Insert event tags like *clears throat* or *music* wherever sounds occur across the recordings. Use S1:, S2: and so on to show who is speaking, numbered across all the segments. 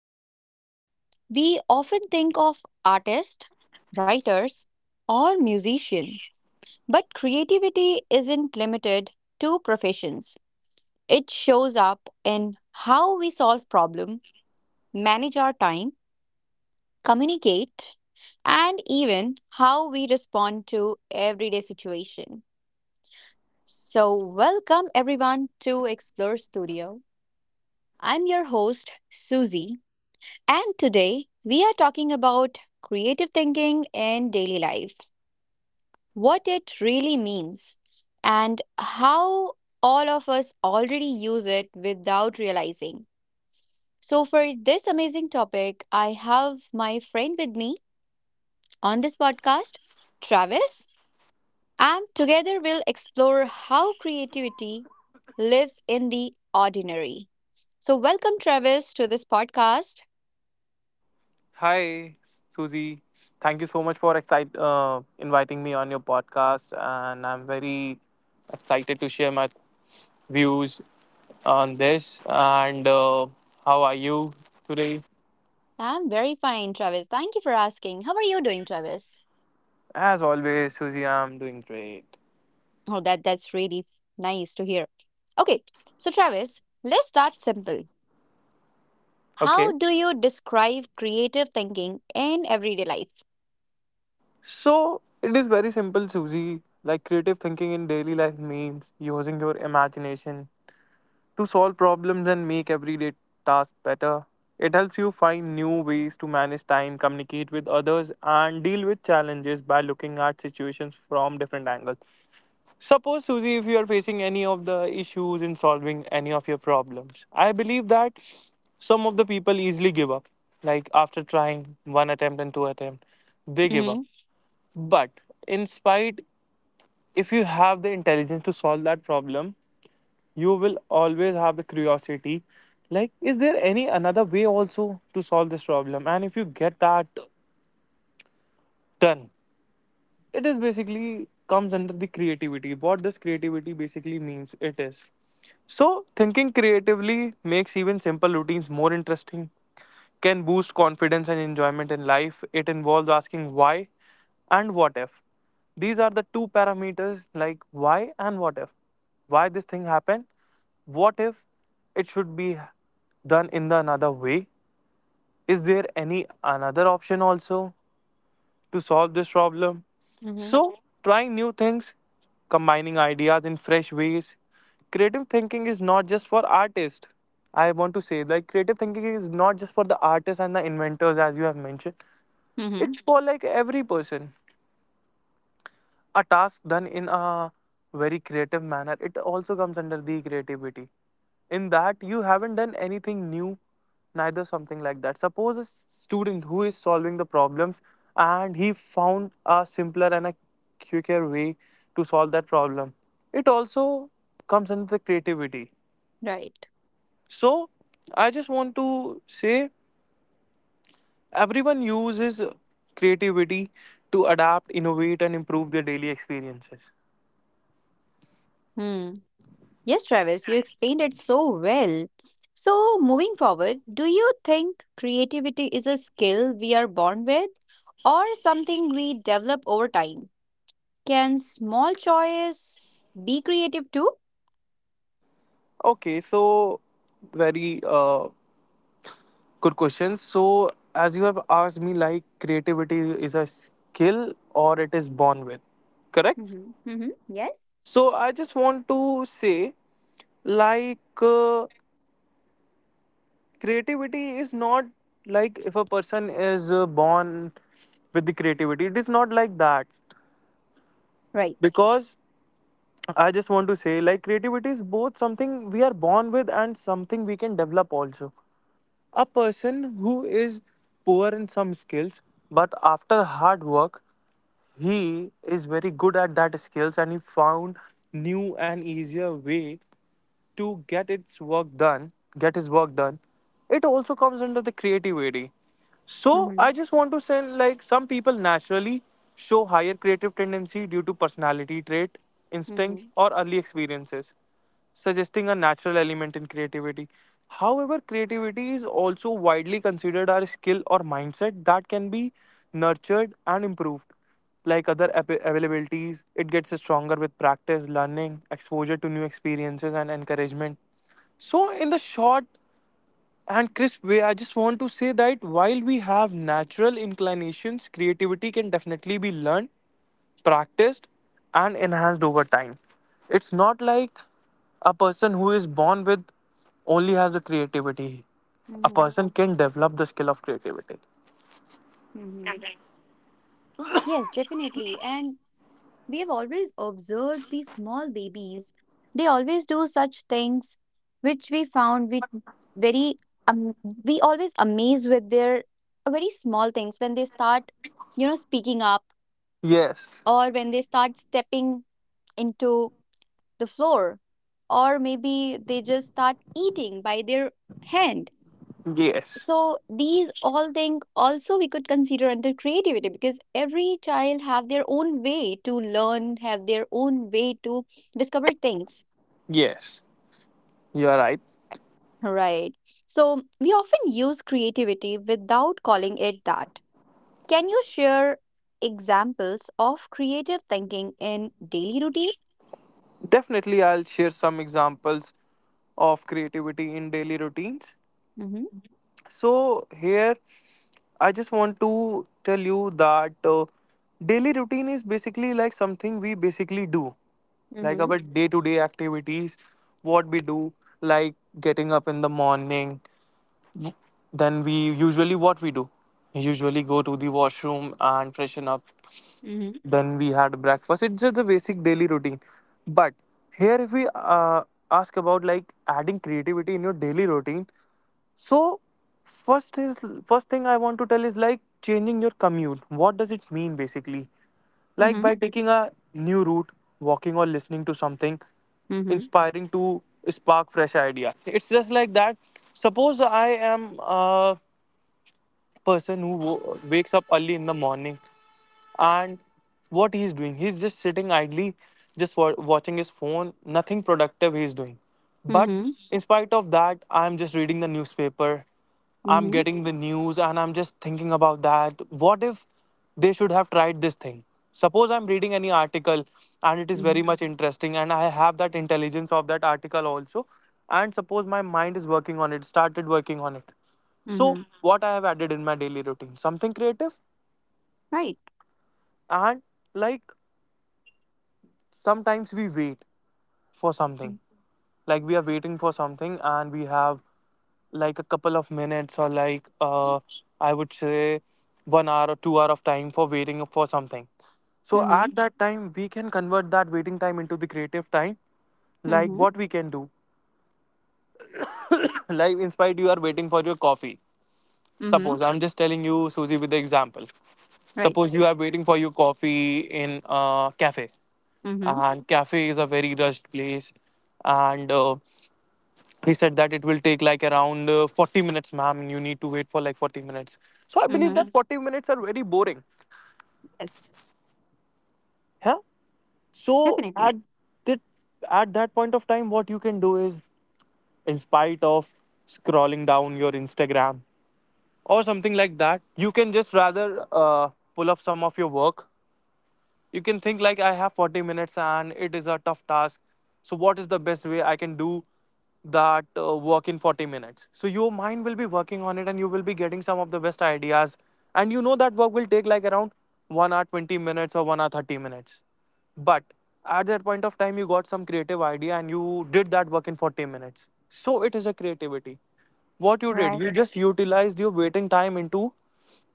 S1: creative, we often think of artists, writers, or musicians. But creativity isn't limited to professions. It shows up in how we solve problems, manage our time, communicate, and even how we respond to everyday situation. So, welcome everyone to Explore Studio. I'm your host, Susie, and today we are talking about creative thinking in daily life, what it really means, and how all of us already use it without realizing. So, for this amazing topic, I have my friend with me on this podcast, Travis, and together we'll explore how creativity lives in the ordinary. So, welcome, Travis, to this podcast.
S2: Hi, Susie. Thank you so much for inviting me on your podcast, and I'm very excited to share my views on this. And how are you today?
S1: I'm very fine, Travis. Thank you for asking. How are you doing, Travis?
S2: As always, Susie, I'm doing great.
S1: Oh, that's really nice to hear. Okay, so Travis, let's start simple. How
S2: Okay.
S1: do you describe creative thinking in everyday life?
S2: So it is very simple, Susie. Like creative thinking in daily life means using your imagination to solve problems and make everyday tasks better. It helps you find new ways to manage time, communicate with others, and deal with challenges by looking at situations from different angles. Suppose, Susie, if you are facing any of the issues in solving any of your problems, I believe that some of the people easily give up. Like after trying one attempt and two attempt, they give up.
S1: Mm-hmm.
S2: But in spite, if you have the intelligence to solve that problem, you will always have the curiosity like is there any another way also to solve this problem, and if you get that done, it is basically comes under the creativity. What this creativity basically means, it is, so thinking creatively makes even simple routines more interesting, can boost confidence and enjoyment in life. It involves asking why and what if. These are the two parameters, like why and what if. Why this thing happened? What if it should be done in the another way? Is there any another option also to solve this problem?
S1: Mm-hmm.
S2: So, trying new things, combining ideas in fresh ways. Creative thinking is not just for artists. I want to say, like, creative thinking is not just for the artists and the inventors, as you have mentioned. It's
S1: Mm-hmm.
S2: for like every person, a task done in a very creative manner, it also comes under the creativity, in that you haven't done anything new, neither something like that. Suppose a student who is solving the problems and he found a simpler and a quicker way to solve that problem, it also comes under the creativity.
S1: Right.
S2: So I just want to say, everyone uses creativity to adapt, innovate, and improve their daily experiences.
S1: Hmm. Yes, Travis, you explained it so well. So, moving forward, do you think creativity is a skill we are born with or something we develop over time? Can small choice be creative too?
S2: Okay, so very good question. So, as you have asked me, like creativity is a skill or it is born with, correct?
S1: Mm-hmm. Mm-hmm. Yes.
S2: So, I just want to say, like, creativity is not like if a person is born with the creativity, it is not like that,
S1: Right.
S2: because I just want to say, like, creativity is both something we are born with and something we can develop also. A person who is poor in some skills, but after hard work, he is very good at that skills and he found new and easier way to get its work done, get his work done. It also comes under the creativity. So
S1: Mm-hmm.
S2: I just want to say, like some people naturally show higher creative tendency due to personality trait,
S1: Mm-hmm.
S2: instinct, or early experiences, suggesting a natural element in creativity. However, creativity is also widely considered our skill or mindset that can be nurtured and improved. Like other availabilities, it gets stronger with practice, learning, exposure to new experiences, and encouragement. So, in the short and crisp way, I just want to say that while we have natural inclinations, creativity can definitely be learned, practiced, and enhanced over time. It's not like a person who is born with only has the creativity. A
S1: Mm-hmm.
S2: person can develop the skill of creativity.
S1: Mm-hmm. Yes, definitely. And we have always observed these small babies. They always do such things which we found we very um, we always amaze with their very small things when they start, you know, speaking up,
S2: Yes,
S1: or when they start stepping into the floor, or maybe they just start eating by their hand.
S2: yes,
S1: So these all things also we could consider under creativity because every child have their own way to learn, have their own way to discover things.
S2: yes, you are right.
S1: Right. So we often use creativity without calling it that. Can you share examples of creative thinking in daily routine?
S2: Definitely, I'll share some examples of creativity in daily routines.
S1: Mm-hmm.
S2: So here I just want to tell you that daily routine is basically like something we basically do, like
S1: Mm-hmm.
S2: our day to day activities, what we do, like getting up in the morning. Then we usually what we do, we usually go to the washroom and freshen up.
S1: Mm-hmm.
S2: Then we had breakfast. It's just the basic daily routine. But here, if we ask about like adding creativity in your daily routine, so first is first thing I want to tell is like changing your commute. What does it mean basically? Like
S1: Mm-hmm.
S2: by taking a new route, walking, or listening to something
S1: Mm-hmm.
S2: inspiring to spark fresh ideas. It's just like that. Suppose I am a person who wakes up early in the morning, and what he's doing, he's just sitting idly, just watching his phone, nothing productive he's doing. But
S1: Mm-hmm.
S2: in spite of that, I'm just reading the newspaper, I'm
S1: Mm-hmm.
S2: getting the news, and I'm just thinking about that, what if they should have tried this thing. Suppose I'm reading any article, and it is very much interesting, and I have that intelligence of that article also, and suppose my mind is working on it, started working on it. So
S1: Mhm.
S2: what I have added in my daily routine, something creative.
S1: Right.
S2: And like sometimes we wait for
S1: Mm.
S2: something, like we are waiting for something, and we have like a couple of minutes or like I would say 1 hour or 2 hour of time for waiting for something. So
S1: Mhm.
S2: at that time we can convert that waiting time into the creative time. Like
S1: Mhm.
S2: what we can do, *coughs* *clears throat* like in spite you are waiting for your coffee,
S1: Mhm.
S2: suppose I'm just telling you Susie with the example,
S1: Right.
S2: suppose you are waiting for your coffee in a cafe,
S1: Mhm.
S2: and cafe is a very rushed place, and he said that it will take like around 40 minutes, ma'am, and you need to wait for like 40 minutes. So I believe that,
S1: Mhm.
S2: Mhm, 40 minutes are very boring,
S1: Yes.
S2: yeah. So
S1: Definitely.
S2: at that that point of time, what you can do is, in spite of scrolling down your Instagram or something like that, you can just rather uh, pull up some of your work. You can think like, I have 40 minutes and it is a tough task, so what is the best way I can do that work in 40 minutes. So your mind will be working on it and you will be getting some of the best ideas, and you know that work will take like around 1 hour 20 minutes or 1 hour 30 minutes. But at that point of time, you got some creative idea and you did that work in 40 minutes. So it is a creativity. What you did, you
S1: Right.
S2: just utilized your waiting time into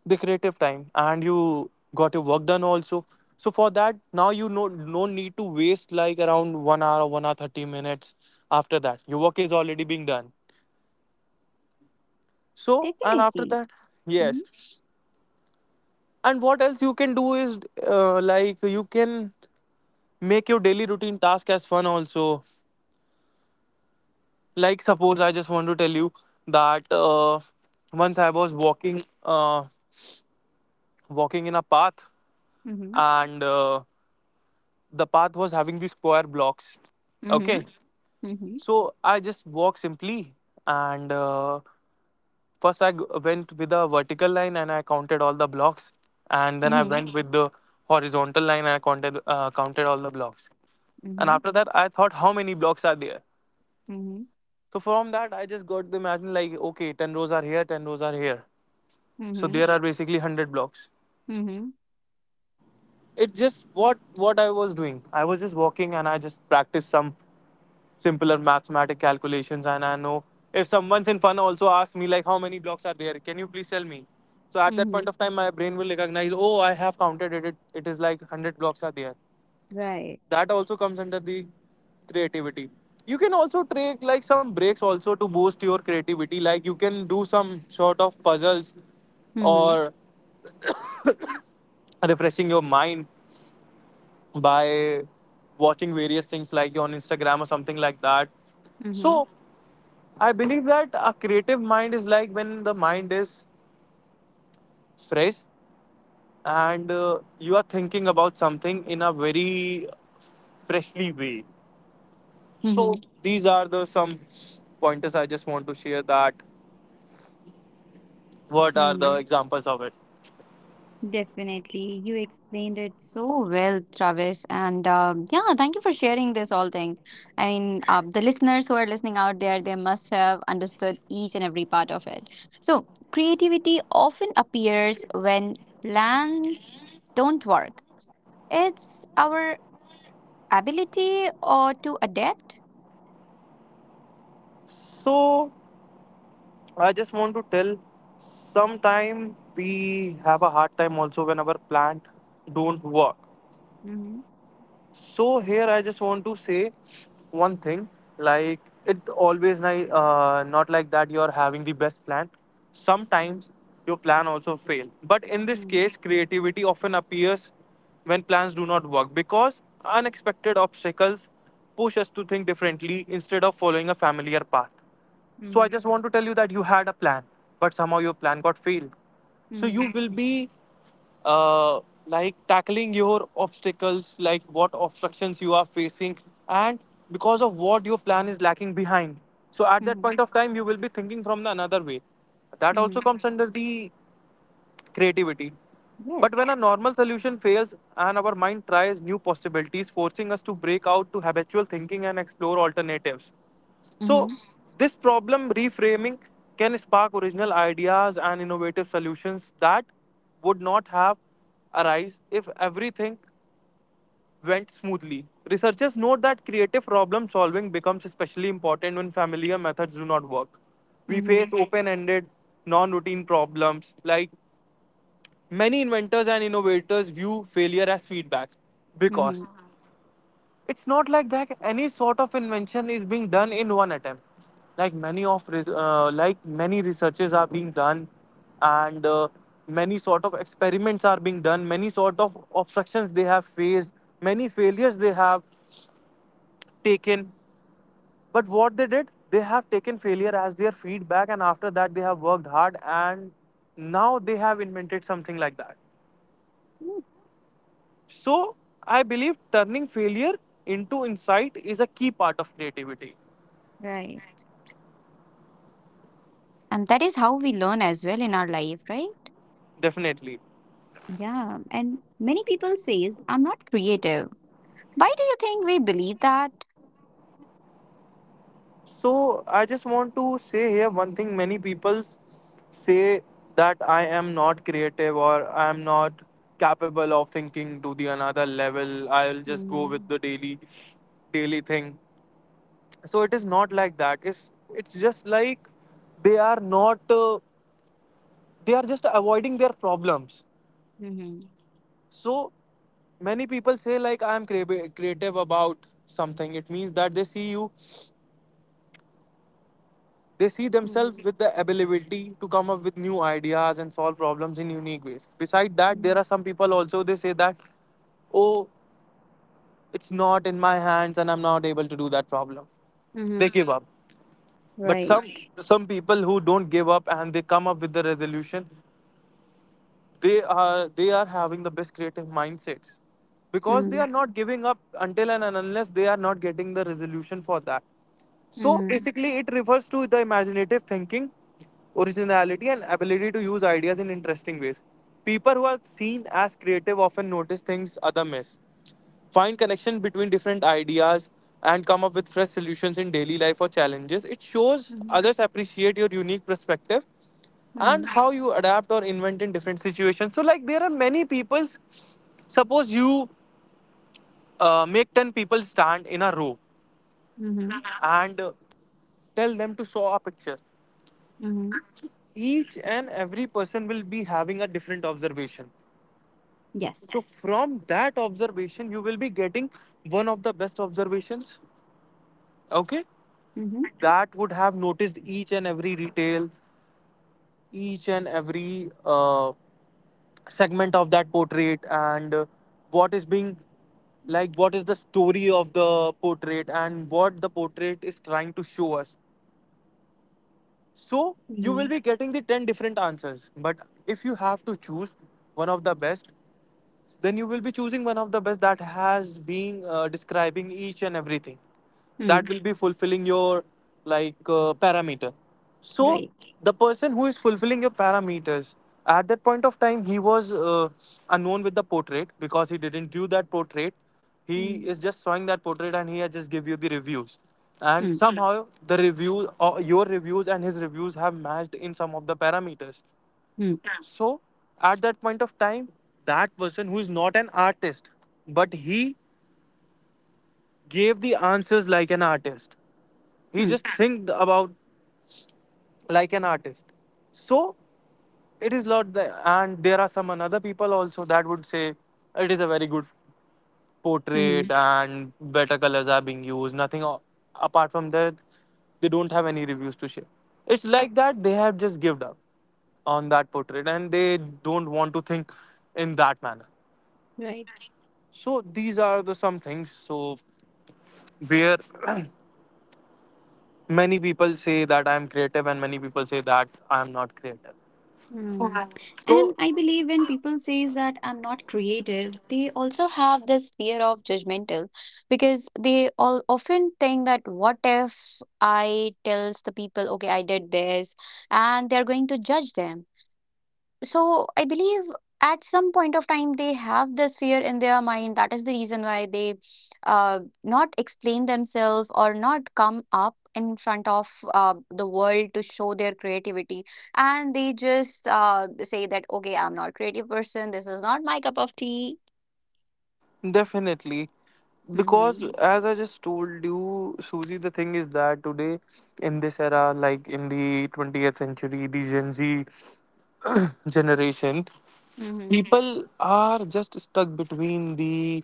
S2: the creative time, and you got your work done also. So for that now, you no need to waste like around 1 hour or 1 hour 30 minutes. After that your work is already being done. So, and after
S1: Definitely.
S2: that, yes,
S1: Mhm.
S2: and what else you can do is, like you can make your daily routine task as fun also. Like suppose I just want to tell you that once I was walking, uh, walking in a path,
S1: Mhm.
S2: and the path was having these square blocks,
S1: Mhm.
S2: okay.
S1: Mhm.
S2: So I just walked simply, and first I went with a vertical line and I counted all the blocks, and then I went with the horizontal line and I counted all the blocks. And
S1: Mhm.
S2: after that I thought how many blocks are there.
S1: Mhm.
S2: So from that I just got the imagine, like okay, 10 rows are here, 10 rows are here.
S1: Mhm.
S2: So
S1: Mhm.
S2: there are basically 100 blocks.
S1: Mhm.
S2: It just, what I was doing, I was just walking and I just practiced some simpler mathematic calculations. And I know if someone's in fun also asks me like, how many blocks are there, can you please tell me. So at that
S1: Mhm.
S2: point of time my brain will recognize, oh I have counted it, it is like 100 blocks are there.
S1: Right.
S2: That also comes under the creativity. You can also take like some breaks also to boost your creativity, like you can do some sort of puzzles
S1: Mhm.
S2: or refreshing your mind by watching various things like on Instagram or something like that. So
S1: Mhm.
S2: I believe that a creative mind is like when the mind is fresh and you are thinking about something in a very freshly way. So
S1: Mhm.
S2: these are the some pointers I just want to share, that what are the
S1: Mhm.
S2: examples of it.
S1: Definitely. You explained it so well, Travis. And yeah, thank you for sharing this whole thing. I mean, the listeners who are listening out there, they must have understood each and every part of it. So, creativity often appears when plan don't work. It's our ability or to adapt.
S2: So I just want to tell, sometime we have a hard time also when our plant don't work.
S1: Mm-hmm.
S2: So here I just want to say one thing, like it always not like that you are having the best plan. Sometimes your plan also fail. But in this case creativity often appears when plans do not work, because unexpected obstacles push us to think differently instead of following a familiar path. So I
S1: Mm-hmm.
S2: just want to tell you that you had a plan but somehow your plan got failed. So you
S1: Mm-hmm.
S2: will be uh, like tackling your obstacles, like what obstructions you are facing, and because of what your plan is lacking behind. So at that
S1: Mm-hmm.
S2: point of time, you will be thinking from the another way. That also
S1: Mm-hmm.
S2: comes under the creativity. But when a
S1: Yes.
S2: normal solution fails and our mind tries new possibilities, forcing us to break out to habitual thinking and explore alternatives. So,
S1: Mm-hmm.
S2: this problem reframing can spark original ideas and innovative solutions that would not have arise if everything went smoothly. Researchers note that creative problem solving becomes especially important when familiar methods do not work. We
S1: Mm-hmm.
S2: face open ended, non routine problems. Like many inventors and innovators view failure as feedback because
S1: Mm-hmm.
S2: it's not like that any sort of invention is being done in one attempt. Like like many researches are being done, and many sort of experiments are being done. Many sort of obstructions they have faced. Many failures they have taken. But what they did, they have taken failure as their feedback, and after that they have worked hard, and now they have invented something like that. So I believe turning failure into insight is a key part of creativity.
S1: Right. And that is how we learn as well in our life, right?
S2: Definitely.
S1: Yeah, and many people says I'm not creative. Why do you think we believe that?
S2: So I just want to say here one thing many people say that I am not creative or I am not capable of thinking to the another level. I'll just go with
S1: Mm-hmm.
S2: the daily thing. So it is not like that. It's just like they are not they are just avoiding their problems.
S1: Mm-hmm.
S2: So many people say like I am creative about something. It means that they see you. They see themselves
S1: Mm-hmm.
S2: with the ability to come up with new ideas and solve problems in unique ways. Beside that, there are some people also they say that, oh, it's not in my hands and I'm not able to do that problem. They
S1: Mm-hmm.
S2: give up. But some
S1: Right.
S2: some people who don't give up and they come up with the resolution, they are having the best creative mindsets because they
S1: Mm-hmm.
S2: are not giving up until and unless they are not getting the resolution for that. So
S1: Mm-hmm.
S2: basically it refers to the imaginative thinking, originality, and ability to use ideas in interesting ways. People who are seen as creative often notice things other miss, find connection between different ideas, and come up with fresh solutions in daily life or challenges. It shows
S1: Mm-hmm.
S2: others appreciate your unique perspective and
S1: Mm-hmm.
S2: how you adapt or invent in different situations. So, like, there are many people. Suppose you make 10 people stand in a row
S1: Mm-hmm.
S2: and tell them to draw a picture.
S1: Mm-hmm.
S2: Each and every person will be having a different observation.
S1: Yes.
S2: So, from that observation, you will be getting one of the best observations, okay?
S1: Mm-hmm.
S2: That would have noticed each and every detail, each and every segment of that portrait, and what is being like what is the story of the portrait and what the portrait is trying to show us. So you will
S1: Mm-hmm.
S2: be getting the 10 different answers. But if you have to choose one of the best, then you will be choosing one of the best that has been describing each and everything. That
S1: Mm.
S2: will be fulfilling your like parameter. So
S1: Right.
S2: the person who is fulfilling your parameters, at that point of time, he was unknown with the portrait because he didn't do that portrait. He
S1: Mm.
S2: is just showing that portrait and he has just give you the reviews, and
S1: Mm.
S2: somehow the reviews or your reviews and his reviews have matched in some of the parameters.
S1: Mm.
S2: So at that point of time, that person who is not an artist but he gave the answers like an artist, he
S1: Mm.
S2: just think about like an artist. So it is not the, and there are some another people also that would say it is a very good
S1: Mm-hmm.
S2: portrait and better colors are being used. Nothing a- Apart from that, they don't have any reviews to share. It's like that they have just given up on that portrait and they don't want to think in that manner.
S1: Right.
S2: So these are the some things. So where *clears throat* many people say that I'm creative and many people say that I'm not creative.
S1: Hmm. And
S2: So
S1: I believe when people says that I'm not creative, they also have this fear of judgmental because they all often think that what if I tells the people, okay, I did this, and they're going to judge them. So I believe at some point of time they have this fear in their mind. That is the reason why they not explain themselves or not come up in front of the world to show their creativity, and they just say that okay, I'm not creative person. This is not my cup of tea.
S2: definitely. Because
S1: Mm-hmm.
S2: as I just told you, Suji, the thing is that today in this era, like in the 20th century, the Gen Z generation,
S1: Mm-hmm.
S2: people are just stuck between the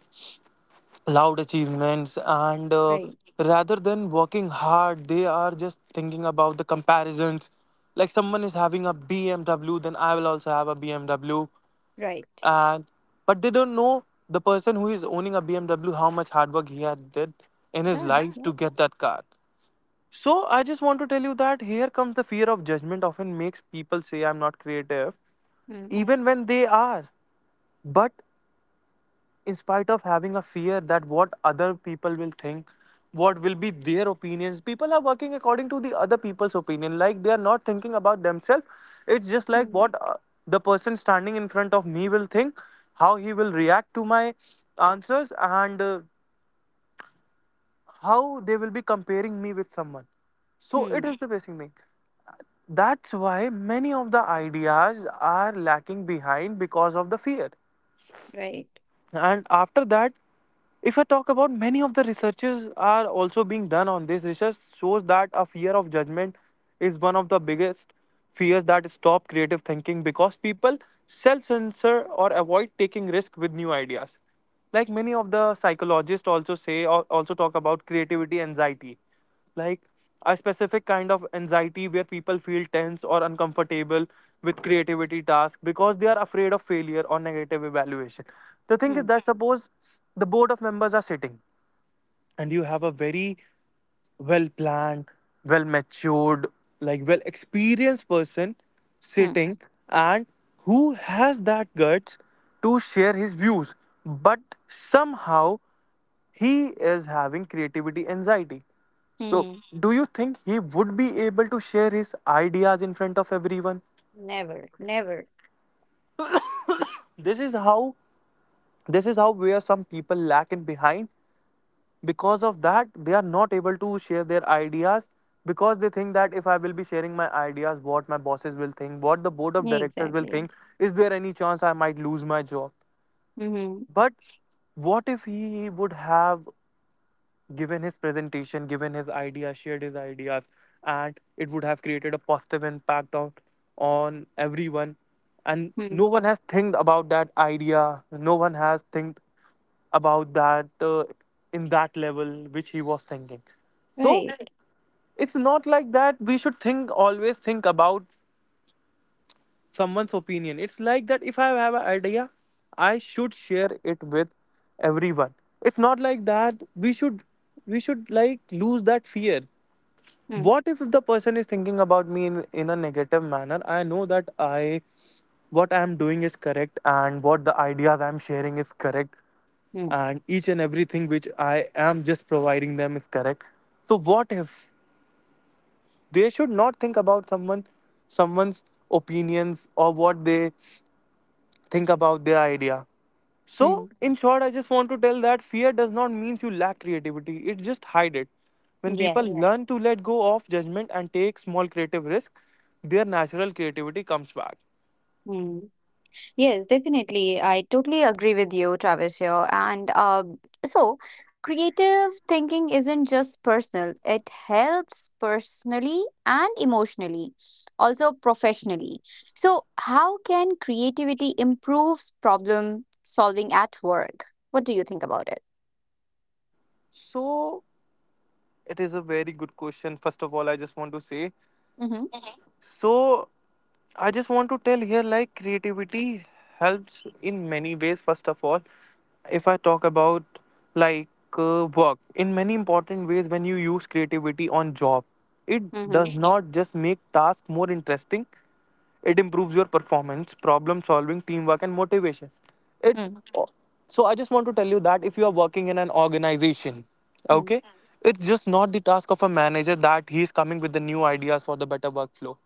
S2: loud achievements and
S1: Right,
S2: rather than working hard, they are just thinking about the comparisons. Like someone is having a BMW, then I will also have a BMW,
S1: right.
S2: and but they don't know the person who is owning a BMW how much hard work he had did in his
S1: Done.
S2: life to
S1: Yes.
S2: get that car. So I just want to tell you that here comes the fear of judgment often makes people say I'm not creative
S1: Mm,
S2: even when they are. But in spite of having a fear that what other people will think, what will be their opinions, people are working according to the other people's opinion, like they are not thinking about themselves. It's just like
S1: mm,
S2: what the person standing in front of me will think, how he will react to my answers, and how they will be comparing me with someone. So it
S1: mm,
S2: is the basic thing. That's why many of the ideas are lacking behind because of the fear.
S1: right.
S2: And after that, if I talk about, many of the researches are also being done on this. Research shows that a fear of judgment is one of the biggest fears that stop creative thinking because people self-censor or avoid taking risk with new ideas. Like many of the psychologists also say or also talk about creativity anxiety, like a specific kind of anxiety where people feel tense or uncomfortable with creativity tasks because they are afraid of failure or negative evaluation. The thing is
S1: Hmm.
S2: that suppose the board of members are sitting and you have a very well planned, well matured, like well experienced person
S1: Mm,
S2: sitting and who has that guts to share his views. But somehow he is having creativity anxiety. So,
S1: mhm.
S2: do you think he would be able to share his ideas in front of everyone?
S1: Never, never.
S2: This is how, this is how where some people lack in behind. Because of that they are not able to share their ideas because they think that if I will be sharing my ideas, what my bosses will think, what the board of directors will
S1: Exactly.
S2: think, is there any chance I might lose my job?
S1: Mm-hmm.
S2: But what if he would have given his presentation, given his ideas, shared his ideas, and it would have created a positive impact on everyone. And
S1: Mm,
S2: no one has think about that idea. No one has think about that in that level which he was thinking. So
S1: right.
S2: it's not like that. We should think always think about someone's opinion. It's like that if I have an idea, I should share it with everyone. It's not like that we should like lose that fear.
S1: Mm,
S2: What if the person is thinking about me in a negative manner? I know that I, what I am doing is correct and what the ideas I am sharing is correct,
S1: mm,
S2: and each and everything which I am just providing them is correct. So what if they should not think about someone, someone's opinions or what they think about their idea. So,
S1: mm.
S2: in short, I just want to tell that fear does not mean you lack creativity, it just hide it. When people Yeah.
S1: Yes.
S2: learn to let go of judgment and take small creative risk, their natural creativity comes back.
S1: Mm. Yes, definitely. I totally agree with you, Travis, here. And so, creative thinking isn't just personal, it helps personally and emotionally, also professionally. So, how can creativity improve problem solving at work? What do you think about it?
S2: So, it is a very good question. First of all, I just want to say
S1: Mm-hmm.
S2: so. I just want to tell here like creativity helps in many ways. First of all, if I talk about like work, in many important ways, when you use creativity on job, it does
S1: Mm-hmm.
S2: Mhm. not just make task more interesting. It improves your performance, problem solving, teamwork, and motivation. It, so I just want to tell you that if you are working in an organization,
S1: Mm-hmm.
S2: okay, it's just not the task of a manager that he is coming with the new ideas for the better workflow.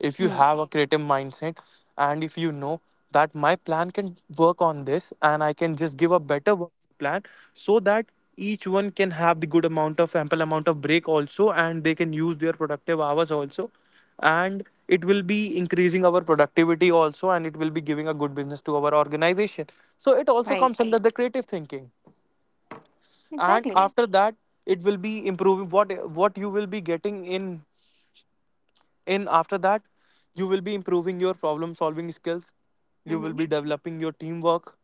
S2: If you
S1: Mm-hmm.
S2: have a creative mindset and if you know that my plan can work on this and I can just give a better work plan so that each one can have the good amount of ample amount of break also, and they can use their productive hours also, and it will be increasing our productivity also, and it will be giving a good business to our organization. So it also
S1: Right.
S2: comes under the creative thinking. And
S1: Exactly.
S2: after that it will be improving what you will be getting in after that. You will be improving your problem solving skills, you will
S1: Mm-hmm.
S2: be developing your teamwork,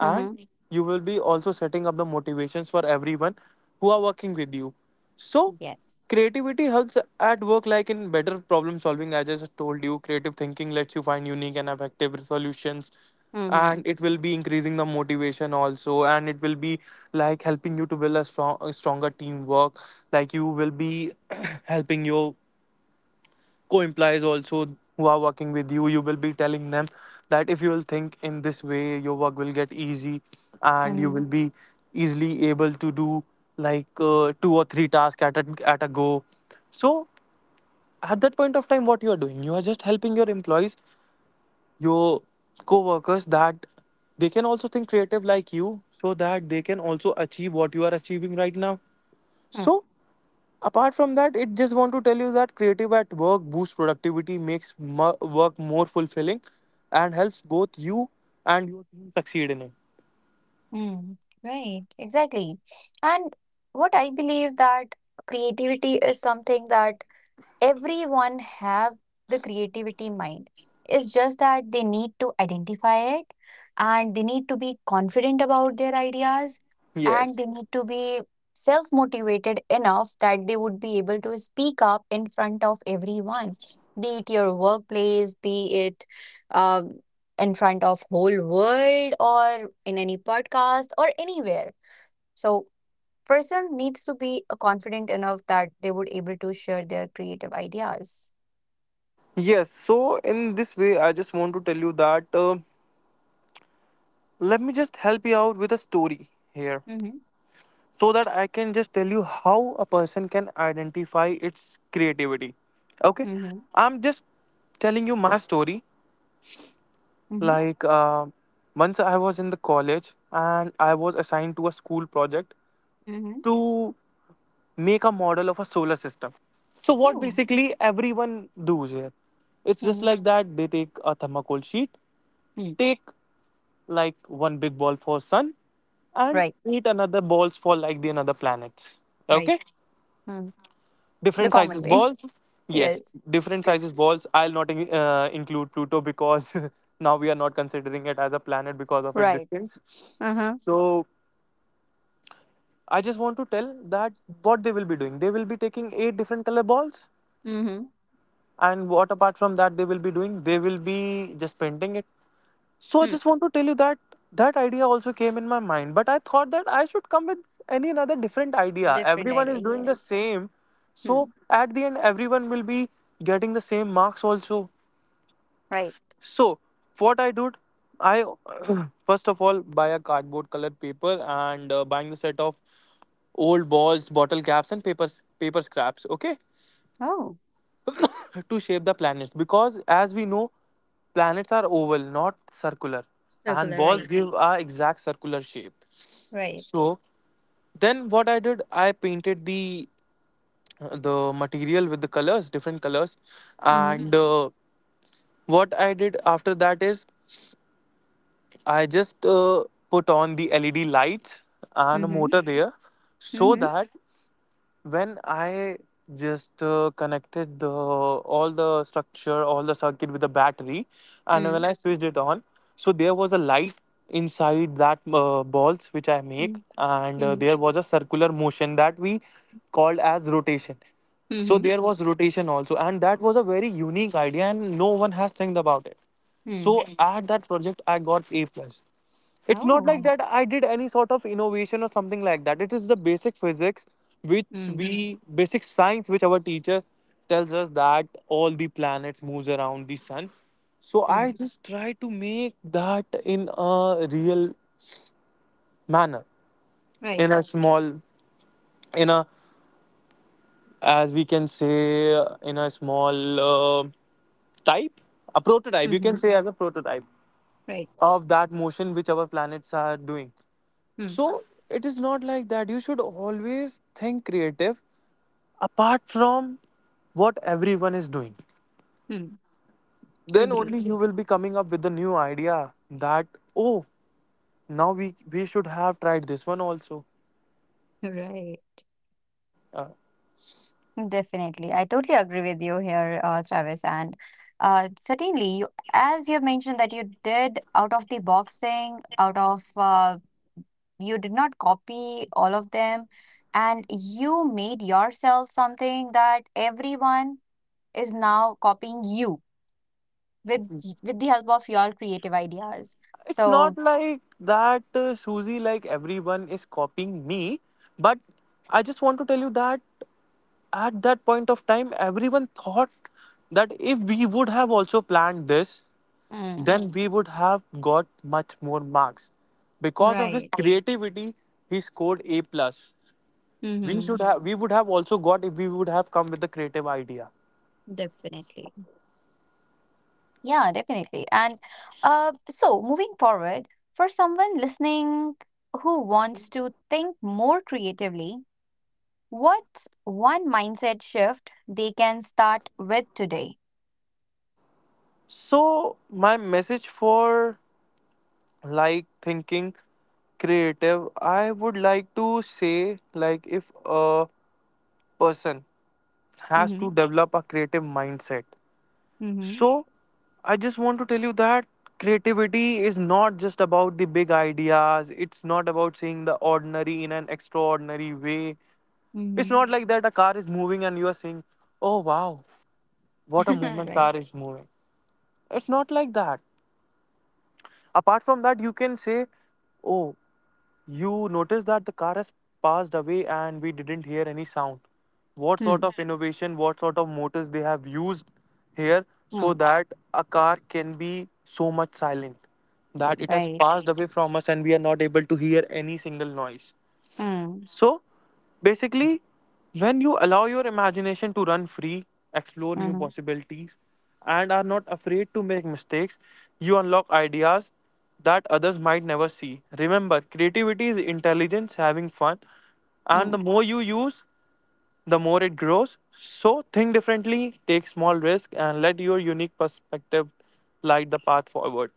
S2: and
S1: Mm-hmm.
S2: you will be also setting up the motivations for everyone who are working with you. So
S1: Yes.
S2: creativity helps at work, like in better problem solving. I just told you creative thinking lets you find unique and effective solutions,
S1: Mhm.
S2: and it will be increasing the motivation also, and it will be like helping you to build strong, a stronger teamwork. Like you will be *clears throat* helping you co-employees also who are working with you. You will be telling them that if you will think in this way your work will get easy, and you
S1: Mhm.
S2: will be easily able to do like two or three tasks at at a go. So at that point of time what you are doing, you are just helping your employees, your co-workers, that they can also think creative like you, so that they can also achieve what you are achieving right now.
S1: Mm.
S2: So apart from that, it just want to tell you that creative at work boosts productivity, makes work more fulfilling, and helps both you and your team succeed in it.
S1: Mm. Right. Exactly. And what I believe that creativity is something that everyone have the creativity mind, it's just that they need to identify it and they need to be confident about their ideas, and
S2: Yes,
S1: they need to be self motivated enough that they would be able to speak up in front of everyone, be it your workplace, be it um, in front of whole world or in any podcast or anywhere. So person needs to be confident enough that they would able to share their creative ideas.
S2: yes. So in this way I just want to tell you that let me just help you out with a story here,
S1: Mm-hmm.
S2: so that I can just tell you how a person can identify its creativity. Okay,
S1: Mm-hmm.
S2: I'm just telling you my story.
S1: Mm-hmm.
S2: Like uh, Once I was in the college and I was assigned to a school project
S1: Mm-hmm.
S2: to make a model of a solar system. So what
S1: Oh.
S2: basically everyone does here, it's just
S1: Mm-hmm.
S2: like that. They take a thermocol sheet,
S1: Mm.
S2: take like one big ball for sun, and
S1: Right.
S2: eat another balls for like the another planets.
S1: Right.
S2: Okay,
S1: Mm. The
S2: different
S1: common
S2: sizes
S1: way.
S2: balls.
S1: *laughs* Yes.
S2: Yes, different sizes balls. I'll not include Pluto because *laughs* now we are not considering it as a planet because of its
S1: Right.
S2: distance.
S1: Uh-huh.
S2: So I just want to tell that what they will be doing, they will be taking 8 different color balls.
S1: Mm-hmm.
S2: And what apart from that they will be doing, they will be just painting it. So I
S1: Mm.
S2: just want to tell you that that idea also came in my mind, but I thought that I should come with any another different idea.
S1: Different
S2: Everyone
S1: idea.
S2: is doing the
S1: Yes.
S2: same, so
S1: Hmm.
S2: at the end, everyone will be getting the same marks also.
S1: Right.
S2: So what I did, I *clears throat* first of all buy a cardboard colored paper and buying the set of old balls, bottle caps, and papers paper scraps. Okay,
S1: Oh.
S2: to shape the planets, because as we know planets are oval not circular, and
S1: Circular.
S2: balls
S1: Right.
S2: give a exact circular shape.
S1: Right.
S2: So then what I did, I painted the material with the colors, different colors.
S1: Mm-hmm.
S2: And what I did after that is I just put on the led lights and a
S1: Mm-hmm.
S2: motor there, so
S1: Mm-hmm.
S2: that when I just connected the all the structure, all the circuit with the battery, and when
S1: Mm.
S2: I switched it on, so there was a light inside that balls which I make,
S1: Mm.
S2: and
S1: Mm-hmm.
S2: there was a circular motion that we called as rotation. So
S1: Mm-hmm.
S2: there was rotation also, and that was a very unique idea, and no one has think about it.
S1: Mm.
S2: So at that project, I got A plus. It's not like
S1: Oh.
S2: that I did any sort of innovation or something like that. It is the basic physics which
S1: Mm.
S2: we basic science which our teacher tells us that all the planets moves around the sun. So I
S1: Mm.
S2: just try to make that in a real manner,
S1: Right.
S2: in a small, in a, as we can say, in a small type, a prototype, you can
S1: Mm-hmm.
S2: say, as a prototype
S1: Right.
S2: of that motion which our planets are doing.
S1: Hmm.
S2: So it is not like that. You should always think creative, apart from what everyone is doing.
S1: Hmm.
S2: Then
S1: Agree.
S2: only you
S1: *laughs*
S2: will be coming up with the new idea that, oh, now we should have tried this one also.
S1: Right.
S2: Uh,
S1: Definitely. I totally agree with you here, Travis. And certainly, you, as you have mentioned, that you did out of the boxing, out of you did not copy all of them, and you made yourself something that everyone is now copying you with with the help of your creative ideas.
S2: it's not
S1: So,
S2: like that Susie, like everyone is copying me, but I just want to tell you that at that point of time everyone thought that if we would have also planned this,
S1: mm,
S2: then we would have got much more marks. Because of his
S1: right.
S2: creativity, he scored A plus. We
S1: Mm-hmm.
S2: should have, we would have also got if we would have come with the creative idea.
S1: Definitely. Yeah, definitely. And so moving forward, for someone listening who wants to think more creatively, what's one mindset shift they can start with today?
S2: So my message for like thinking creative, I would like to say, like, if a person has
S1: Mm-hmm.
S2: to develop a creative mindset.
S1: Mm-hmm.
S2: So, I just want to tell you that creativity is not just about the big ideas, it's not about seeing the ordinary in an extraordinary way. It's
S1: Mm-hmm.
S2: not like that a car is moving and you are saying, oh wow, what a
S1: *laughs*
S2: movement
S1: Right.
S2: car is moving. It's not like that. Apart from that, you can say, oh, you notice that the car has passed away and we didn't hear any sound. What sort
S1: Hmm.
S2: of innovation, what sort of motors they have used here, so
S1: Hmm.
S2: that a car can be so much silent that it has
S1: Right.
S2: passed away from us and we are not able to hear any single noise.
S1: Hmm.
S2: So basically, when you allow your imagination to run free, explore new
S1: Mm-hmm.
S2: possibilities, and are not afraid to make mistakes, you unlock ideas that others might never see. Remember, creativity is intelligence, having fun, and
S1: Mm-hmm.
S2: the more you use, the more it grows. So think differently, take small risks, and let your unique perspective light the path forward.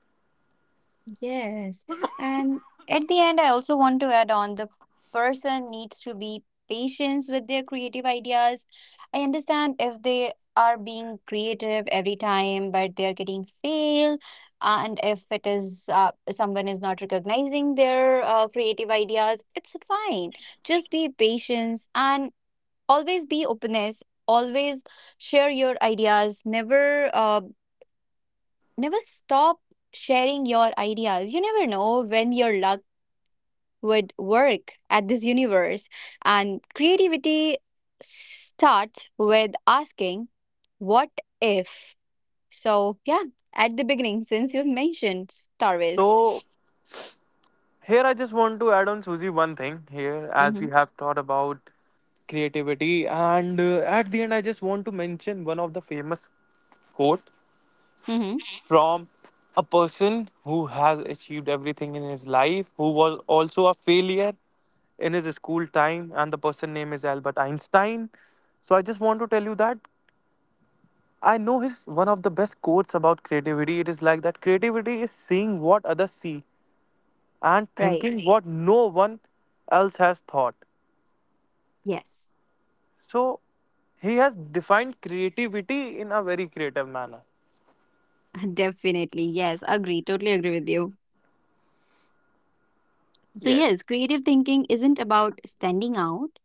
S1: Yes. And at the end, I also want to add on the person needs to be patient with their creative ideas. I understand if they are being creative every time, but they're getting fail, and if it is someone is not recognizing their creative ideas, it's fine. Just be patient and always be openness. Always share your ideas. Never stop sharing your ideas. You never know when your luck would work at this universe. And creativity starts with asking, what if? So, yeah, at the beginning, since you've mentioned Star Wars.
S2: So here, I just want to add on, Susie, one thing here, as
S1: Mm-hmm.
S2: we have thought about creativity. And at the end, I just want to mention one of the famous quote
S1: Mm-hmm.
S2: from a person who has achieved everything in his life, who was also a failure in his school time, and the person name is Albert Einstein. So I just want to tell you that I know his one of the best quotes about creativity. It is like that creativity is seeing what others see and
S1: Right.
S2: thinking what no one else has thought.
S1: Yes.
S2: So he has defined creativity in a very creative manner.
S1: *laughs* Definitely. Yes. Agree. Totally agree with you. So,
S2: Yes.
S1: yes, creative thinking isn't about standing out,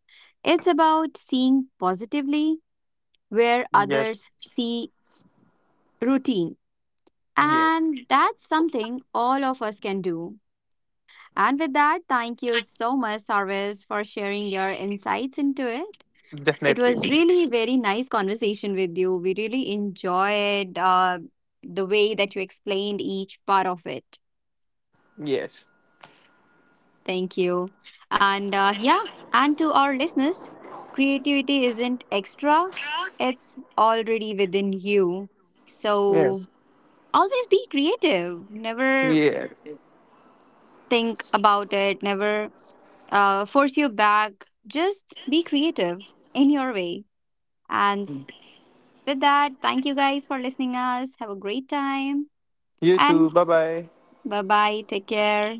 S1: it's about seeing positively where
S2: Yes.
S1: others see routine.
S2: Yes.
S1: And that's something all of us can do. And with that, thank you so much, Sarvis, for sharing your insights into it. It was
S2: Definitely.
S1: really very nice conversation with you. We really enjoyed the way that you explained each part of it.
S2: Yes.
S1: Thank you. And yeah, and to our listeners, creativity isn't extra, it's already within you. So
S2: Yes.
S1: always be creative. Never
S2: Yeah.
S1: think about it, never force you back. Just be creative in your way. And with that, thank you guys for listening us. Have a great time
S2: You
S1: and
S2: too. Bye bye.
S1: bye bye. Take care.